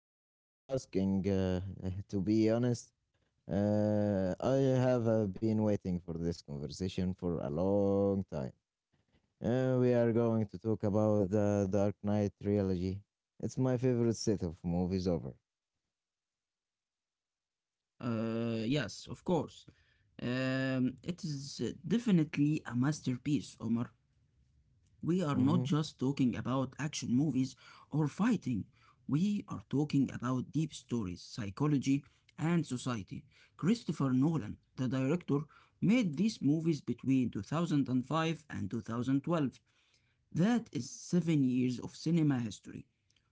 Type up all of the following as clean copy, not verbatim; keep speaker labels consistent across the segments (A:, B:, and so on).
A: thank you for asking. To be honest, I have been waiting for this conversation for a long time. We are going to talk about the Dark Knight trilogy. It's my favorite set of movies ever.
B: Yes, of course. It is definitely a masterpiece, Omar. We are not
A: Mhm.
B: just talking about action movies or fighting. We are talking about deep stories, psychology, and society. Christopher Nolan, the director, made these movies between 2005 and 2012. That is 7 years of cinema history.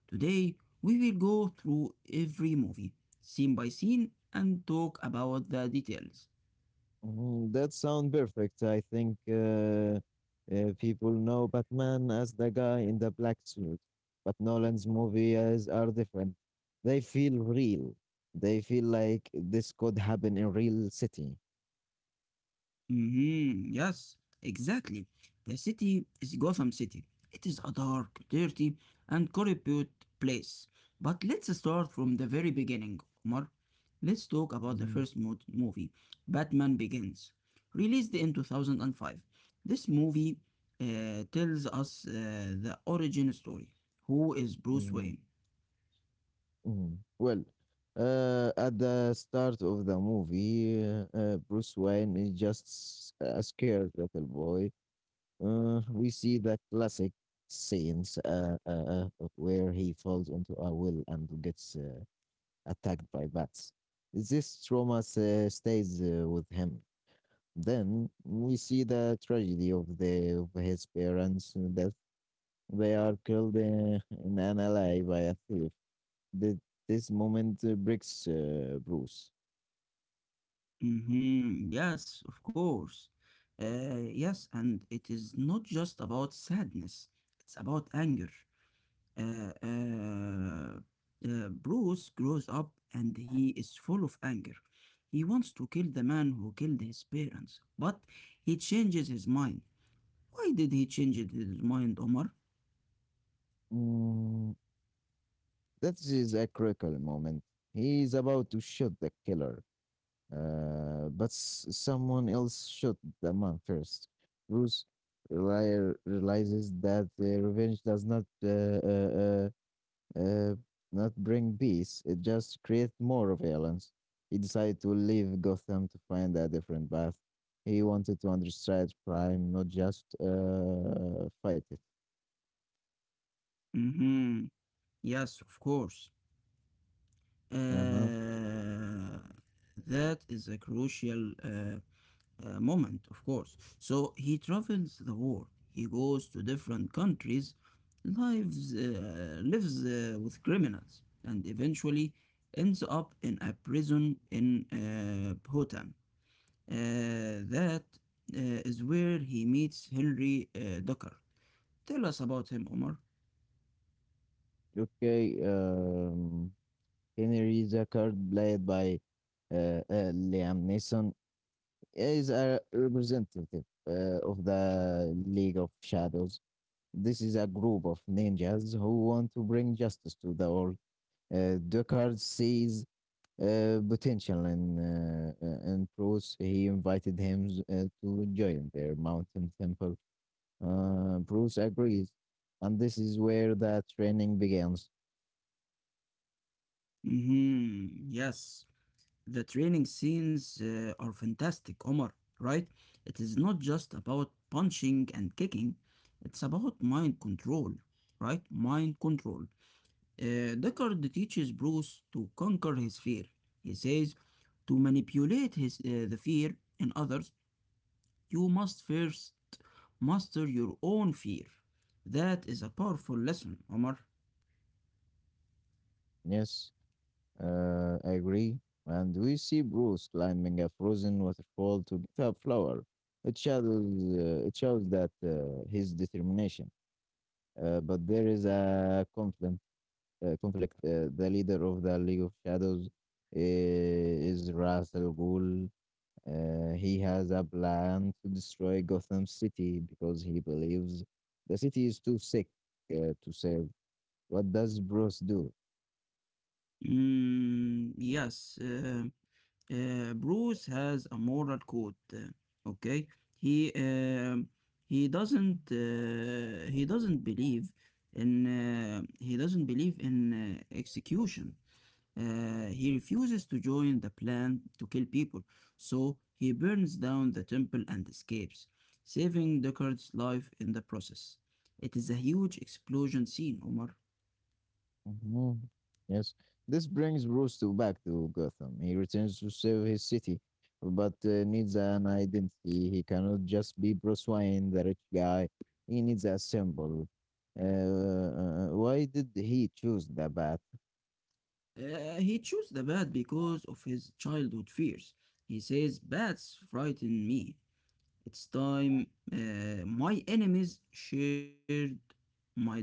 B: Today, we will go through every movie, scene by scene, and talk about the details.
A: Mhm, That sound perfect. I think people know Batman as the guy in the black suit, but Nolan's movies are different. They feel real. They feel like this could happen in real city.
B: Yes, exactly. The city is Gotham City. It is a dark, dirty, and corrupt place. But let's start from the very beginning, Omar. Let's talk about the
A: Mhm,
B: movie, Batman Begins, released in 2005. This movie tells us the origin story. Who is Bruce
A: mhm,
B: Wayne?
A: mhm. Well, at the start of the movie, Bruce Wayne is just a scared little boy. We see the classic scenes where he falls into a well and gets attacked by bats. This trauma stays with him. Then we see the tragedy of the of his parents' death. They are killed in an alley by a thief. The, this moment breaks Bruce.
B: Mm-hmm. Yes, of course. Yes, and it is not just about sadness, it's about anger. Uh, uh, Bruce grows up and he is full of anger. He wants to kill the man who killed his parents, but he changes his mind. Why did he change his mind, Omar?
A: Mm, that is a critical moment. He is about to shoot the killer. But someone else shot the man first. Bruce realizes that revenge does uh, uh, not bring peace. It just creates more violence. He decided to leave Gotham to find a different path. He wanted to understand crime, not just fight it.
B: Mm-hmm. Yes, of course.
A: Uh-huh.
B: Uh, that is a crucial moment, of course. So he travels the world. He goes to different countries, lives with criminals, and eventually ends up in a prison in Bhutan. Uh, that is where he meets Henry Docker. Tell us about him, Omar.
A: Okay. Henry Zucker, played by Liam Neeson, is a representative of the League of Shadows. This is a group of ninjas who want to bring justice to the world. Deckard sees potential in Bruce. He invited him to join their mountain temple. Bruce agrees, and this is where the training begins.
B: Yes. The training scenes are fantastic, Omar, right? It is not just about punching and kicking, it's about mind control, right? Mind control. Deckard teaches Bruce to conquer his fear. He says, to manipulate the fear in others, you must first master your own fear. That is a powerful lesson, Omar.
A: Yes. I agree. And we see Bruce climbing a frozen waterfall to get a flower. It shows that his determination. But there is a conflict. The leader of the League of Shadows is Ra's al Ghul. He has a plan to destroy Gotham City because he believes the city is too sick to save. What does Bruce do?
B: Mm, yes, Bruce has a moral code. Okay, he he doesn't believe in he doesn't believe in execution. He refuses to join the plan to kill people, so he burns down the temple and escapes, saving Deckard's life in the process. It is a huge explosion scene, Omar.
A: Mhm. Yes, this brings Bruce to back to Gotham. He returns to save his city, but needs an identity. He cannot just be Bruce Wayne, the rich guy. He needs a symbol. Why did he choose the bat?
B: He chose the bat because of his childhood fears. He says, bats frighten me. It's time my enemies shared my dread.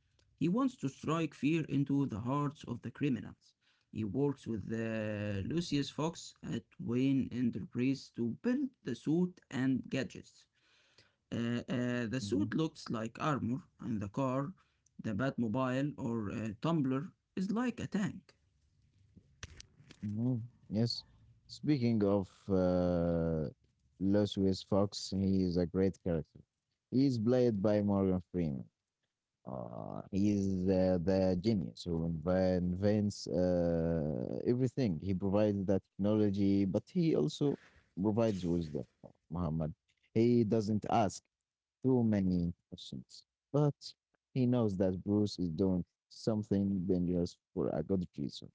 B: He wants to strike fear into the hearts of the criminals. He works with Lucius Fox at Wayne Enterprise to build the suit and gadgets. Uh, uh,
A: Hmm.
B: the suit looks like armor, and the car, the Batmobile or Tumbler, is like a tank.
A: Hmm. Yes. Speaking of Louis Fox, he is a great character. He is played by Morgan Freeman. He's the genius who invents everything. He provides the technology, but he also provides wisdom, Muhammad. He doesn't ask too many questions, but he knows that Bruce is doing something dangerous for a good reason.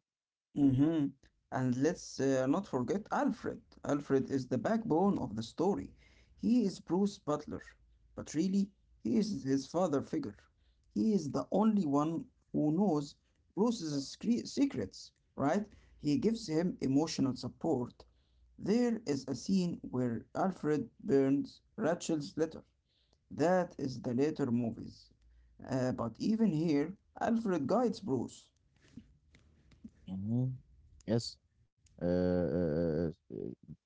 B: hmm And let's not forget Alfred. Alfred is the backbone of the story. He is Bruce Butler, but really, he is his father figure. He is the only one who knows secrets, right? He gives him emotional support. There is a scene where Alfred burns Rachel's letter. That is the later movies. But even here, Alfred guides Bruce.
A: Mhm. Yes. Uh, uh, uh,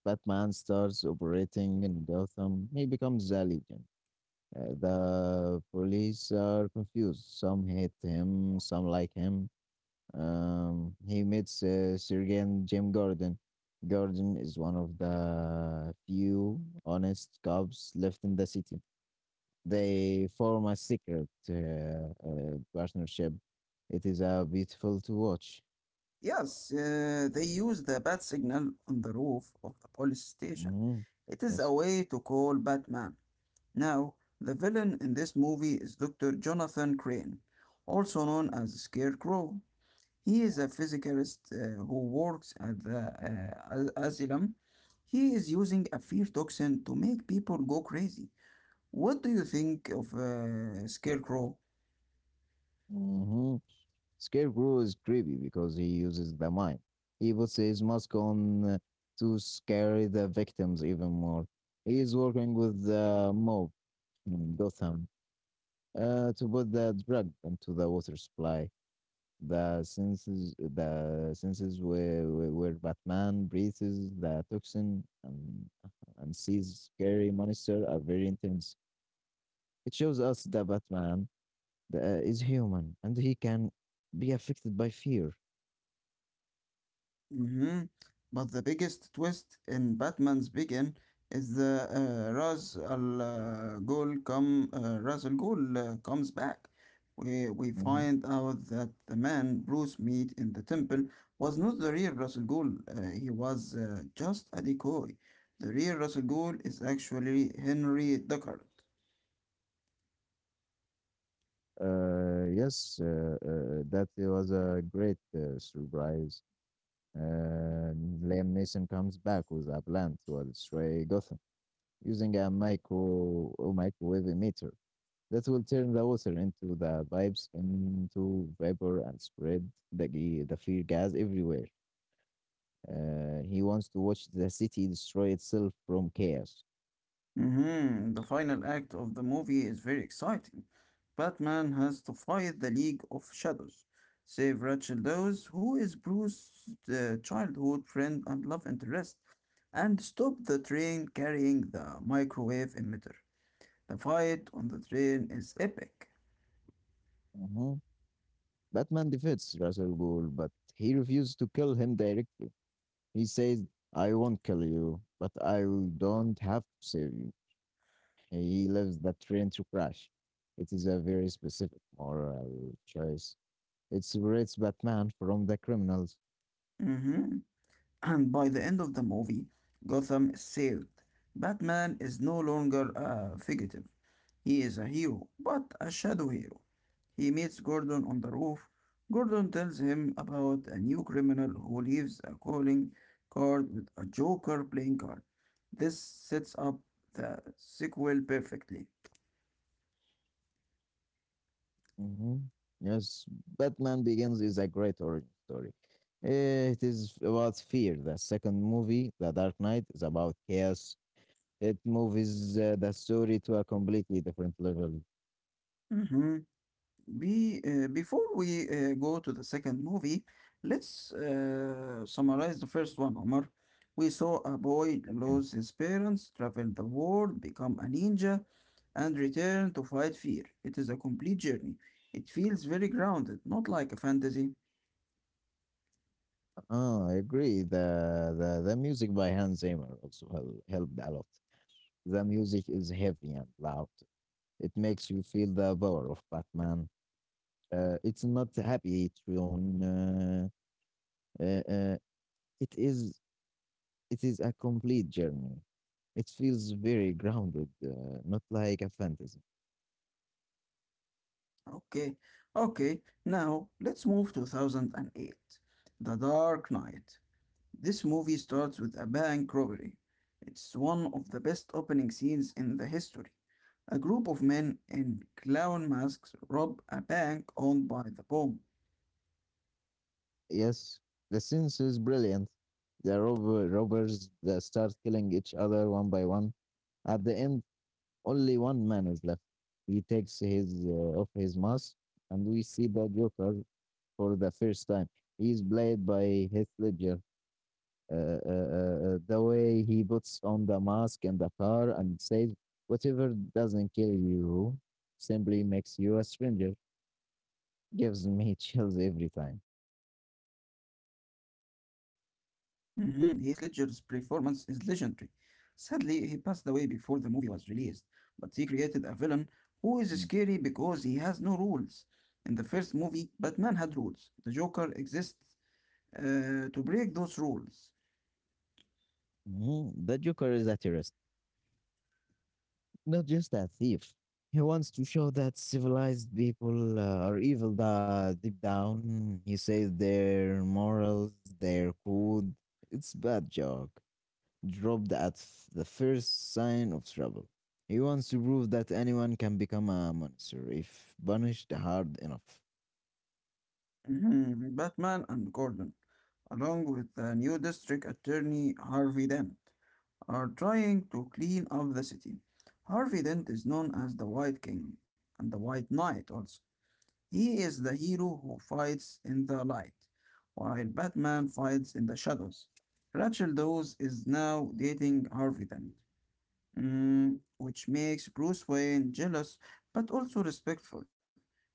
A: Batman starts operating in Gotham. He becomes a legend. The police are confused. Some hate him, some like him. He meets Sergeant Jim Gordon. Gordon is one of the few honest cops left in the city. They form a secret partnership. It is beautiful to watch.
B: Yes, they use the bat signal on the roof of the police station.
A: Hmm.
B: It is
A: Yes.
B: a way to call Batman. Now, the villain in this movie is Dr. Jonathan Crane, also known as Scarecrow. He is a physicist who works at the asylum. He is using a fear toxin to make people go crazy. What do you think of Scarecrow?
A: Hmm. Scarecrow is creepy because he uses the mind. He puts his mask on to scare the victims even more. He is working with the mob in Gotham to put the drug into the water supply. The senses where Batman breathes the toxin and sees scary monster are very intense. It shows us the Batman is human and he can be affected by fear.
B: Mhm. But the biggest twist in Batman's Begin is the Ra's al Ghul comes back. We
A: Mhm.
B: find out that the man Bruce meet in the temple was not the real Ra's al Ghul. He was just a decoy. The real Ra's al Ghul is actually Henry Deckard.
A: Yes, that was a great surprise. Um, Liam Neeson comes back with a plan to destroy Gotham. Using a microwave meter that will turn the water into the pipes into vapor and spread the fear gas everywhere. He wants to watch the city destroy itself from chaos.
B: Mhm. The final act of the movie is very exciting. Batman has to fight the League of Shadows, save Rachel Dawes, who is Bruce's childhood friend and love interest, and stop the train carrying the microwave emitter. The fight on the train is epic.
A: Mhm. Batman defeats Russell Gould, but he refuses to kill him directly. He says, "I won't kill you, but I don't have to save you." He leaves the train to crash. It is a very specific moral choice. It separates Batman from the criminals.
B: Mhm. And by the end of the movie, Gotham is saved. Batman is no longer a fugitive. He is a hero, but a shadow hero. He meets Gordon on the roof. Gordon tells him about a new criminal who leaves a calling card with a Joker playing card. This sets up the sequel perfectly.
A: Mhm. Yes, Batman Begins is a great origin story. It is about fear. The second movie, The Dark Knight, is about chaos. It moves the story to a completely different level.
B: Before we go to the second movie, let's summarize the first one, Omar. We saw a boy
A: Okay.
B: lose his parents, travel the world, become a ninja, and return to fight fear. It is a complete journey. It feels very grounded, not like a fantasy.
A: Ah, I agree. The music by Hans Zimmer also helped a lot. The music is heavy and loud. It makes you feel the power of Batman. It's not happy tune. Uh, uh, It is it is a complete journey. It feels very grounded, not like a fantasy.
B: Okay, okay, now let's move to 2008. The Dark Knight. This movie starts with a bank robbery. It's one of the best opening scenes in the history. A group of men in clown masks rob a bank owned by the bomb.
A: Yes, the sense is brilliant. Robbers that start killing each other one by one. At the end, only one man is left. He takes his off his mask, and we see the Joker for the first time. He is played by Heath Ledger. The way he puts on the mask in the car and says, "Whatever doesn't kill you simply makes you a stranger," gives me chills every time.
B: Mhm. Heath Ledger's performance is legendary. Sadly, he passed away before the movie was released, but he created a villain who is scary because he has no rules. In the first movie, Batman had rules. The Joker exists to break those rules.
A: Mhm. The Joker is a terrorist, not just a thief. He wants to show that civilized people are evil deep down. He says their morals, their code. It's bad joke. Dropped at the first sign of trouble. He wants to prove that anyone can become a monster if punished hard enough.
B: Mhm. Batman and Gordon, along with the new district attorney Harvey Dent, are trying to clean up the city. Harvey Dent is known as the White King and the White Knight also. He is the hero who fights in the light, while Batman fights in the shadows. Rachel Dawes is now dating Harvey Dent, mm, which makes Bruce Wayne jealous but also respectful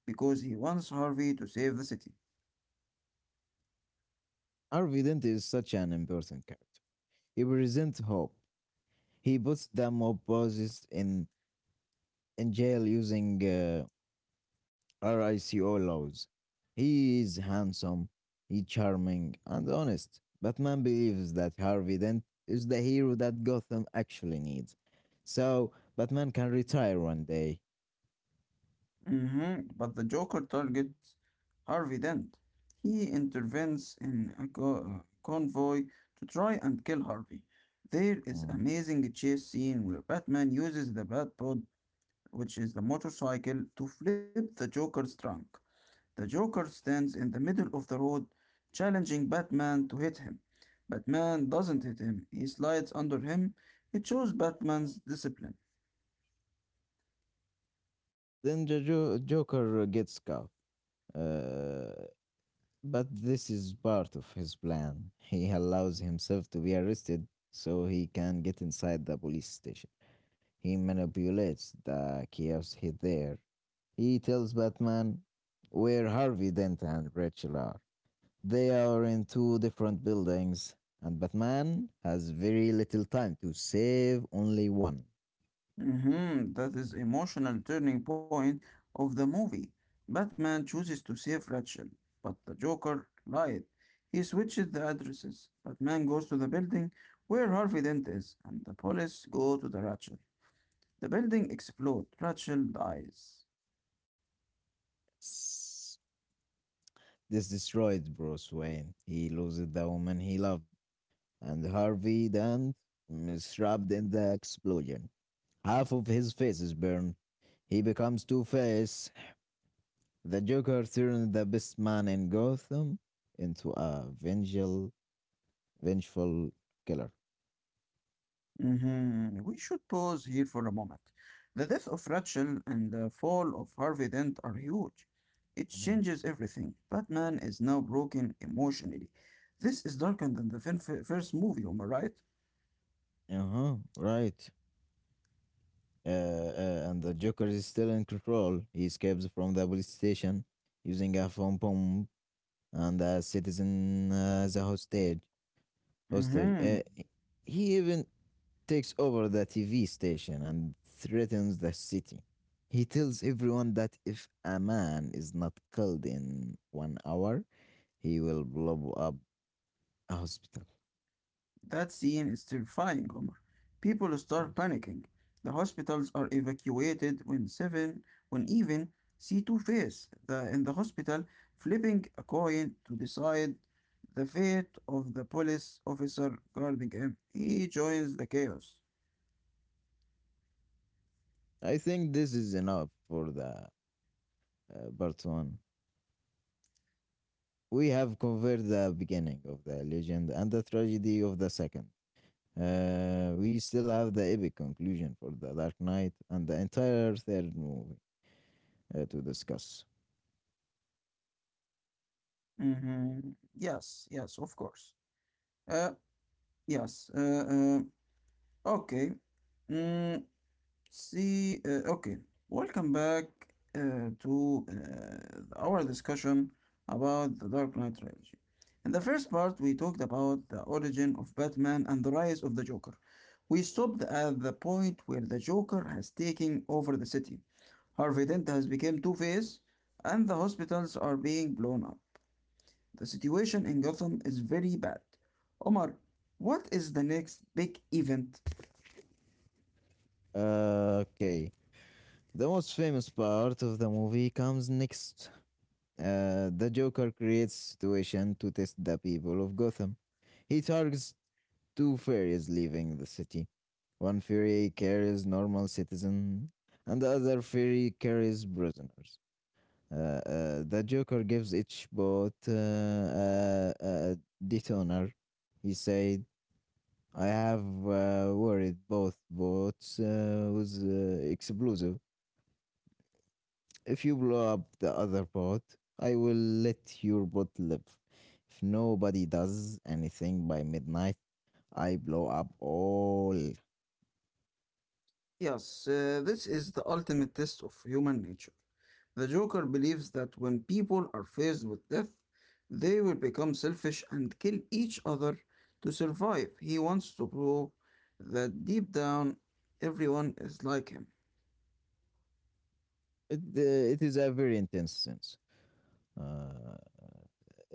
B: because he wants Harvey to save the city.
A: Harvey Dent is such an important character. He presents hope. He puts the mob bosses in jail using RICO laws. He is handsome, he charming, and honest. Batman believes that Harvey Dent is the hero that Gotham actually needs. So, Batman can retire one day.
B: But the Joker targets Harvey Dent. He intervenes in a convoy to try and kill Harvey. There is
A: Mm.
B: amazing chase scene where Batman uses the Batpod, which is the motorcycle, to flip the Joker's trunk. The Joker stands in the middle of the road, challenging Batman to hit him. Batman doesn't hit him. He slides under him. It shows Batman's discipline.
A: Then the Joker gets caught. Uh, but this is part of his plan. He allows himself to be arrested so he can get inside the police station. He manipulates the chaos he there. He tells Batman where Harvey Dent and Rachel are. They are in two different buildings, and Batman has very little time to save only one.
B: Mhm. That is emotional turning point of the movie. Batman chooses to save Rachel, but the Joker lied. He switches the addresses. Batman goes to the building where Harvey Dent is, and the police go to the Rachel. The building explodes. Rachel dies.
A: This destroyed Bruce Wayne. He loses the woman he loved and Harvey Dent is trapped in the explosion. Half of his face is burned. He becomes Two Face. The Joker turned the best man in Gotham into a vengeful killer.
B: Mhm. We should pause here for a moment. The death of Rachel and the fall of Harvey Dent are huge. It changes everything. Batman is now broken emotionally. This is darker than the first movie, am I right?
A: Uh huh. Right. And the Joker is still in control. He escapes from the police station using a phone bomb and a citizen as a hostage. Hostage. Uh,
B: Mhm.
A: he even takes over the TV station and threatens the city. He tells everyone that if a man is not killed in one hour, he will blow up a hospital.
B: That scene is terrifying, Omar. People start panicking. The hospitals are evacuated when even see Two Face the, in the hospital flipping a coin to decide the fate of the police officer guarding him. He joins the chaos.
A: I think this is enough for the part one. We have covered the beginning of the legend and the tragedy of the second. We still have the epic conclusion for the Dark Knight and the entire third movie to discuss.
B: Mm-hmm. Yes, yes, of course. Uh, yes. Okay. Mm, okay, welcome back to our discussion about the Dark Knight trilogy. In the first part, we talked about the origin of Batman and the rise of the Joker. We stopped at the point where the Joker has taken over the city. Harvey Dent has become Two-Face, and the hospitals are being blown up. The situation in Gotham is very bad. Omar, what is the next big event?
A: Uh, okay, The most famous part of the movie comes next. The Joker creates a situation to test the people of Gotham. He targets two fairies leaving the city. One fairy carries normal citizens, and the other fairy carries prisoners. The Joker gives each bot a detonator. He said, "I have worried both bots with explosive. If you blow up the other boat, I will let your boat live. If nobody does anything by midnight, I blow up all."
B: Yes, this is the ultimate test of human nature. The Joker believes that when people are faced with death, they will become selfish and kill each other to survive. He wants to prove that deep down, everyone is like him.
A: Uh, it is a very intense sense. Uh, uh,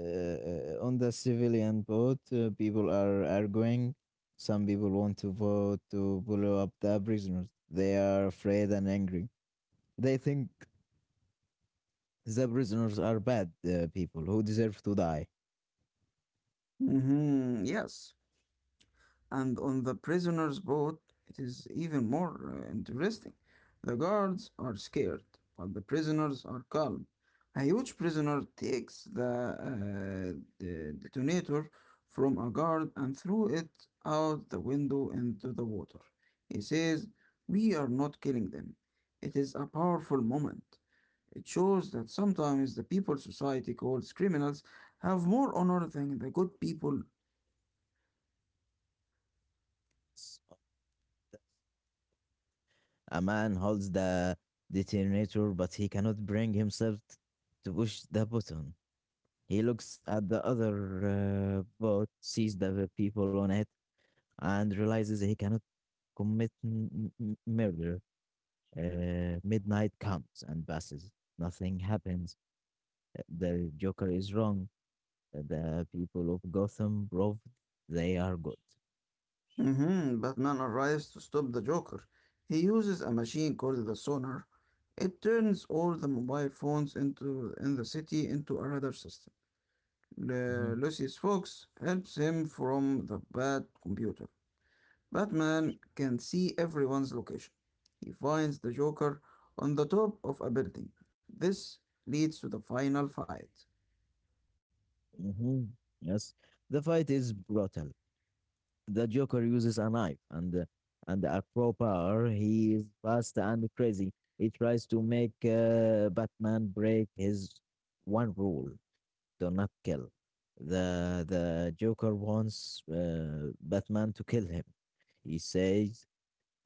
A: uh, on the civilian boat, people are arguing. Some people want to vote to blow up the prisoners. They are afraid and angry. They think the prisoners are bad people who deserve to die.
B: Mhm. Yes, and on the prisoner's boat, it is even more interesting. The guards are scared, but the prisoners are calm. A huge prisoner takes the detonator from a guard and threw it out the window into the water. He says, we are not killing them. It is a powerful moment. It shows that sometimes the people society calls criminals have more honor than the good people.
A: A man holds the detonator, but he cannot bring himself to push the button. He looks at the other boat, sees the people on it, and realizes he cannot commit murder. Midnight comes and passes. Nothing happens. The Joker is wrong. The people of Gotham proved they are good.
B: Mhm. Batman arrives to stop the Joker. He uses a machine called the Sonar. It turns all the mobile phones into in the city into a radar system.
A: Hmm.
B: Lucius Fox helps him from the bad computer. Batman can see everyone's location. He finds the Joker on the top of a building. This leads to the final fight.
A: Hmm. Yes, the fight is brutal. The Joker uses a knife and a crowbar. He is fast and crazy. He tries to make Batman break his one rule: do not kill. The Joker wants Batman to kill him. He says,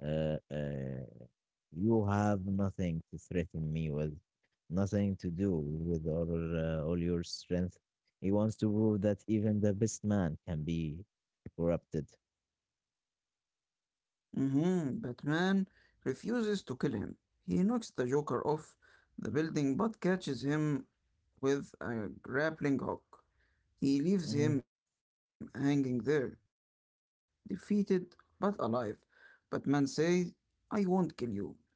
A: uh, uh, "You have nothing to threaten me with, nothing to do with all your strength." He wants to prove that even the best man can be corrupted.
B: Mhm. Batman refuses to kill him. He knocks the Joker off the building but catches him with a grappling hook. He leaves
A: Mhm.
B: him hanging there, defeated but alive. Batman says, I won't kill you, but I don't have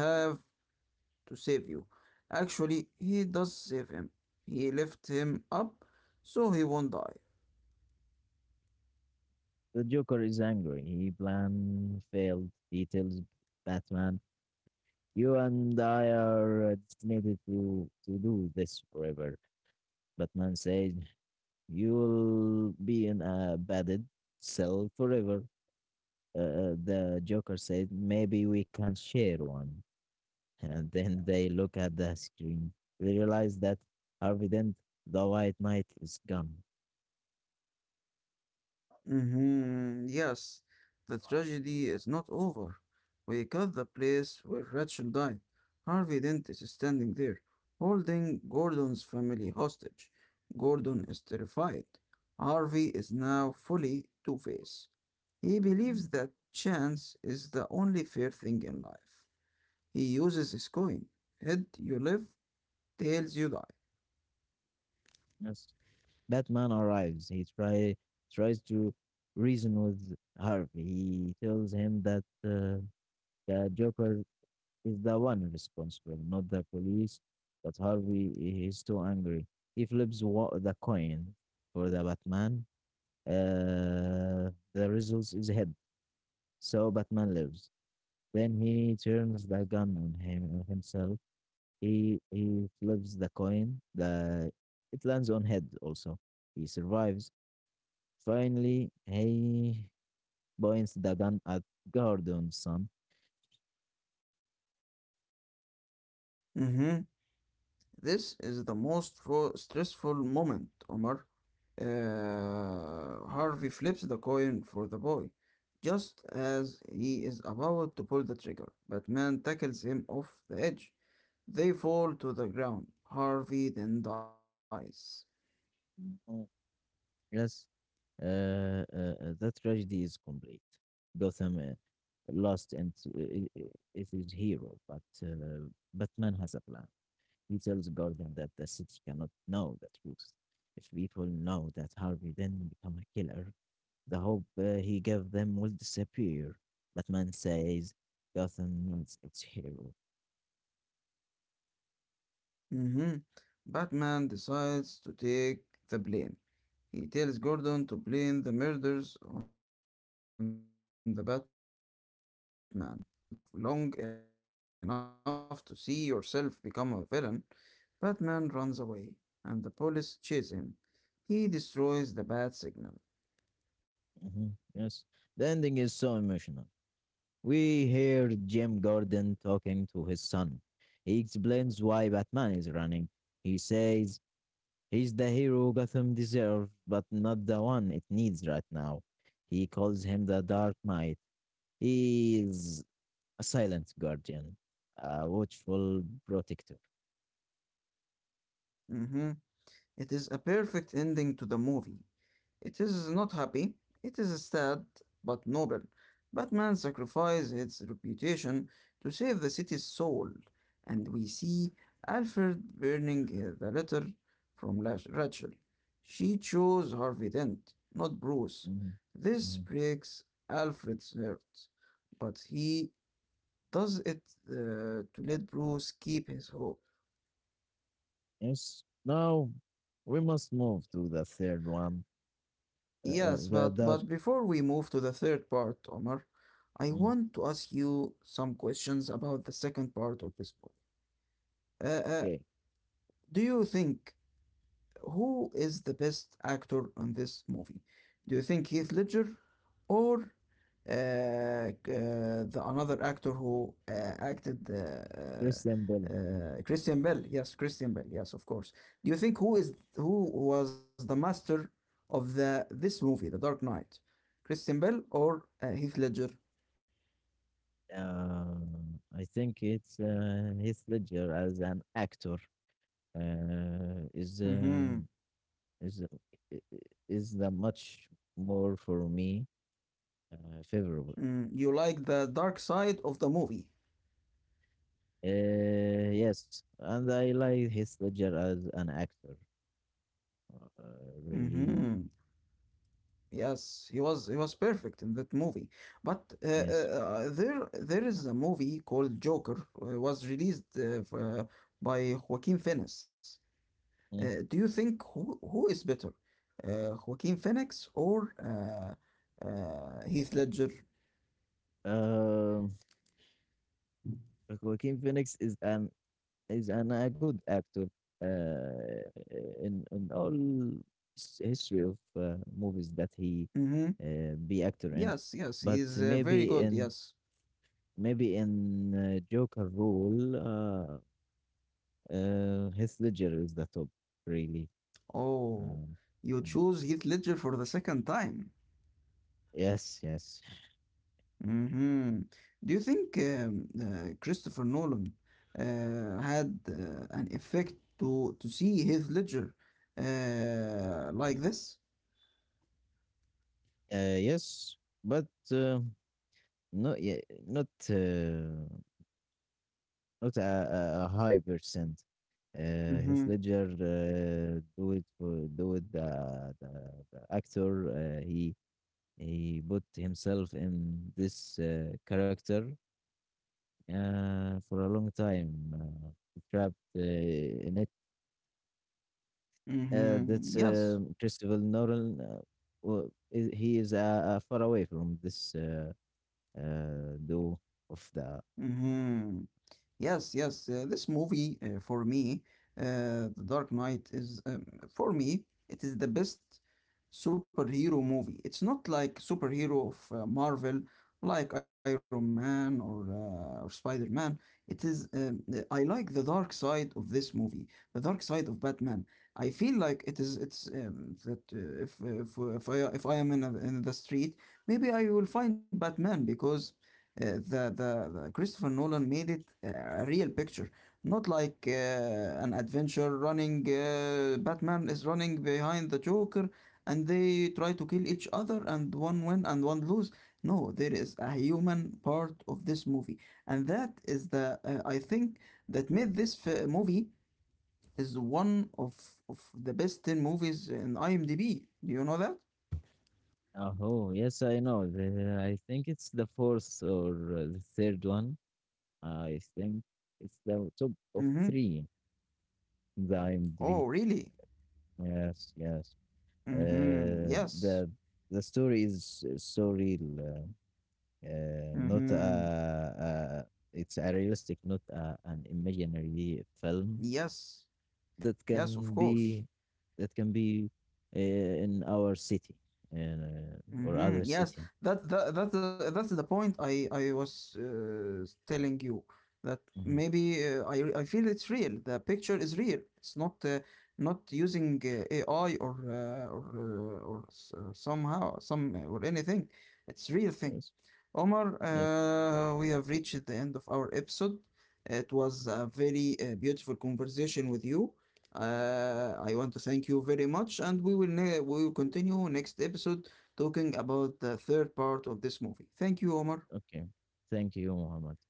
B: to save you. Actually, he does save him. He lifts him up so he won't die.
A: The Joker is angry. He plan failed. He tells Batman, "You and I are destined to do this forever." Batman says, "You'll be in a padded cell forever." The Joker says, "Maybe we can share one." And then they look at the screen. They realize that Harvey Dent, the White Knight, is gone.
B: Mhm. Yes, the tragedy is not over. We got the place where Rachel died. Harvey Dent is standing there, holding Gordon's family hostage. Gordon is terrified. Harvey is now fully Two-Face. He believes that chance is the only fair thing in life. He uses his coin. Head you live, tails you die.
A: Yes. Batman arrives. Tries to reason with Harvey. He tells him that the Joker is the one responsible, not the police. But Harvey is too angry. He flips the coin for the Batman. The result is head. So Batman lives. Then he turns the gun on him on himself. He flips the coin. The It lands on head also. He survives. Finally, he points the gun at Gordon's son.
B: Mhm. This is the most stressful moment, Omar. Harvey flips the coin for the boy, just as he is about to pull the trigger. But Man tackles him off the edge. They fall to the ground. Harvey then dies.
A: Mm. Yes, uh, uh, uh, the tragedy is complete. Gotham lost and it is hero, but Batman has a plan. He tells Gordon that the city cannot know the truth. If people know that Harvey didn't become a killer, the hope he gave them will disappear. Batman says Gotham needs its hero.
B: Mhm. Batman decides to take the blame. He tells Gordon to blame the murders on the Batman. He says, You either die a hero or you live long enough to see yourself become a villain. Batman runs away, and the police chase him. He destroys the bat signal.
A: Hmm. Yes. The ending is so emotional. We hear Jim Gordon talking to his son. He explains why Batman is running. He says he's the hero Gotham deserves, but not the one it needs right now. He calls him the Dark Knight. He is a silent guardian, a watchful protector.
B: Mhm. It is a perfect ending to the movie. It is not happy, it is sad, but noble. Batman sacrificed its reputation to save the city's soul, and we see Alfred burning the letter from Rachel. She chose Harvey Dent, not Bruce.
A: Mhm.
B: This
A: Mhm.
B: breaks Alfred's heart, but he does it uh, to let Bruce keep his hope.
A: Yes. Now we must move to the third one,
B: Yes,
A: the
B: but
A: Dark.
B: before we move to the third part, Omar, I
A: Mm.
B: want to ask you some questions about the second part of this book. Uh, uh,
A: Okay.
B: do you think who is the best actor on this movie? Do you think Heath Ledger or the another actor who acted
A: Christian Bale.
B: Christian Bale? Yes, Christian Bale. Yes, of course. Do you think who is who was the master of the this movie, The Dark Knight? Christian Bale or Heath Ledger?
A: Uh, I think it's Heath Ledger as an actor uh, is uh,
B: Mm-hmm.
A: is i- i- is the much more for me favorable.
B: Mm, you like the dark side of the movie.
A: Yes, and I like Heath Ledger as an actor. Really,
B: Mm-hmm. Yes, he was perfect in that movie. But
A: yes.
B: there is a movie called Joker was released by Joaquin Phoenix.
A: Mm.
B: Do you think who is better, Joaquin Phoenix or Heath Ledger?
A: Um, Joaquin Phoenix is an a good actor uh, in all his history of movies that he
B: Mm-hmm.
A: be actor in,
B: Yes, yes, he
A: but
B: is very
A: maybe
B: good.
A: in
B: Yes.
A: maybe in uh, Joker role, Heath Ledger is the top really.
B: Oh,
A: Um,
B: you
A: mm.
B: choose Heath Ledger for the second time.
A: Yes, yes,
B: Hmm. Do you think Christopher Nolan had an effect to see his Ledger like this?
A: yes, but uh, not yet, not. Not a high percent. Heath
B: Mm-hmm.
A: Ledger do it the actor. He put himself in this character for a long time. He trapped in it.
B: Mm-hmm.
A: That's
B: Yes.
A: Christopher Nolan. He is far away from this do of the.
B: Mm-hmm. Yes, yes. This movie, for me, The Dark Knight is, for me, it is the best superhero movie. It's not like superhero of Marvel, like Iron Man or Spider-Man. It is. I like the dark side of this movie, the dark side of Batman. I feel like it is. It's that if I if I am in a, in the street, maybe I will find Batman because the Christopher Nolan made it a real picture, not like an adventure running. Batman is running behind the Joker, and they try to kill each other, and one win and one lose. No, there is a human part of this movie, and that is the I think that made movie is one of the best ten movies in IMDb. Do you know that?
A: Oh, yes, I know. I think it's the fourth or the third one. I think it's the top of
B: Mm-hmm.
A: three in the IMDb.
B: Oh, really?
A: Yes, yes.
B: Mm-hmm.
A: Uh,
B: Yes.
A: the the story is so real. Not a,
B: Mm-hmm.
A: It's a realistic, not a, an imaginary film
B: Yes,
A: that
B: yes, of
A: can
B: course.
A: be that can be in our city uh, or
B: Hmm.
A: other
B: Yes,
A: city.
B: that that's the point I was telling you that
A: Mhm.
B: maybe I feel it's real. The picture is real. It's not not using AI or somehow some or anything. It's real thing.
A: Yes,
B: Omar,
A: yes.
B: we have reached the end of our episode. It was a very beautiful conversation with you. I want to thank you very much, and we will we will continue next episode talking about the third part of this movie. Thank you, Omar.
A: Okay. Thank you, Muhammad.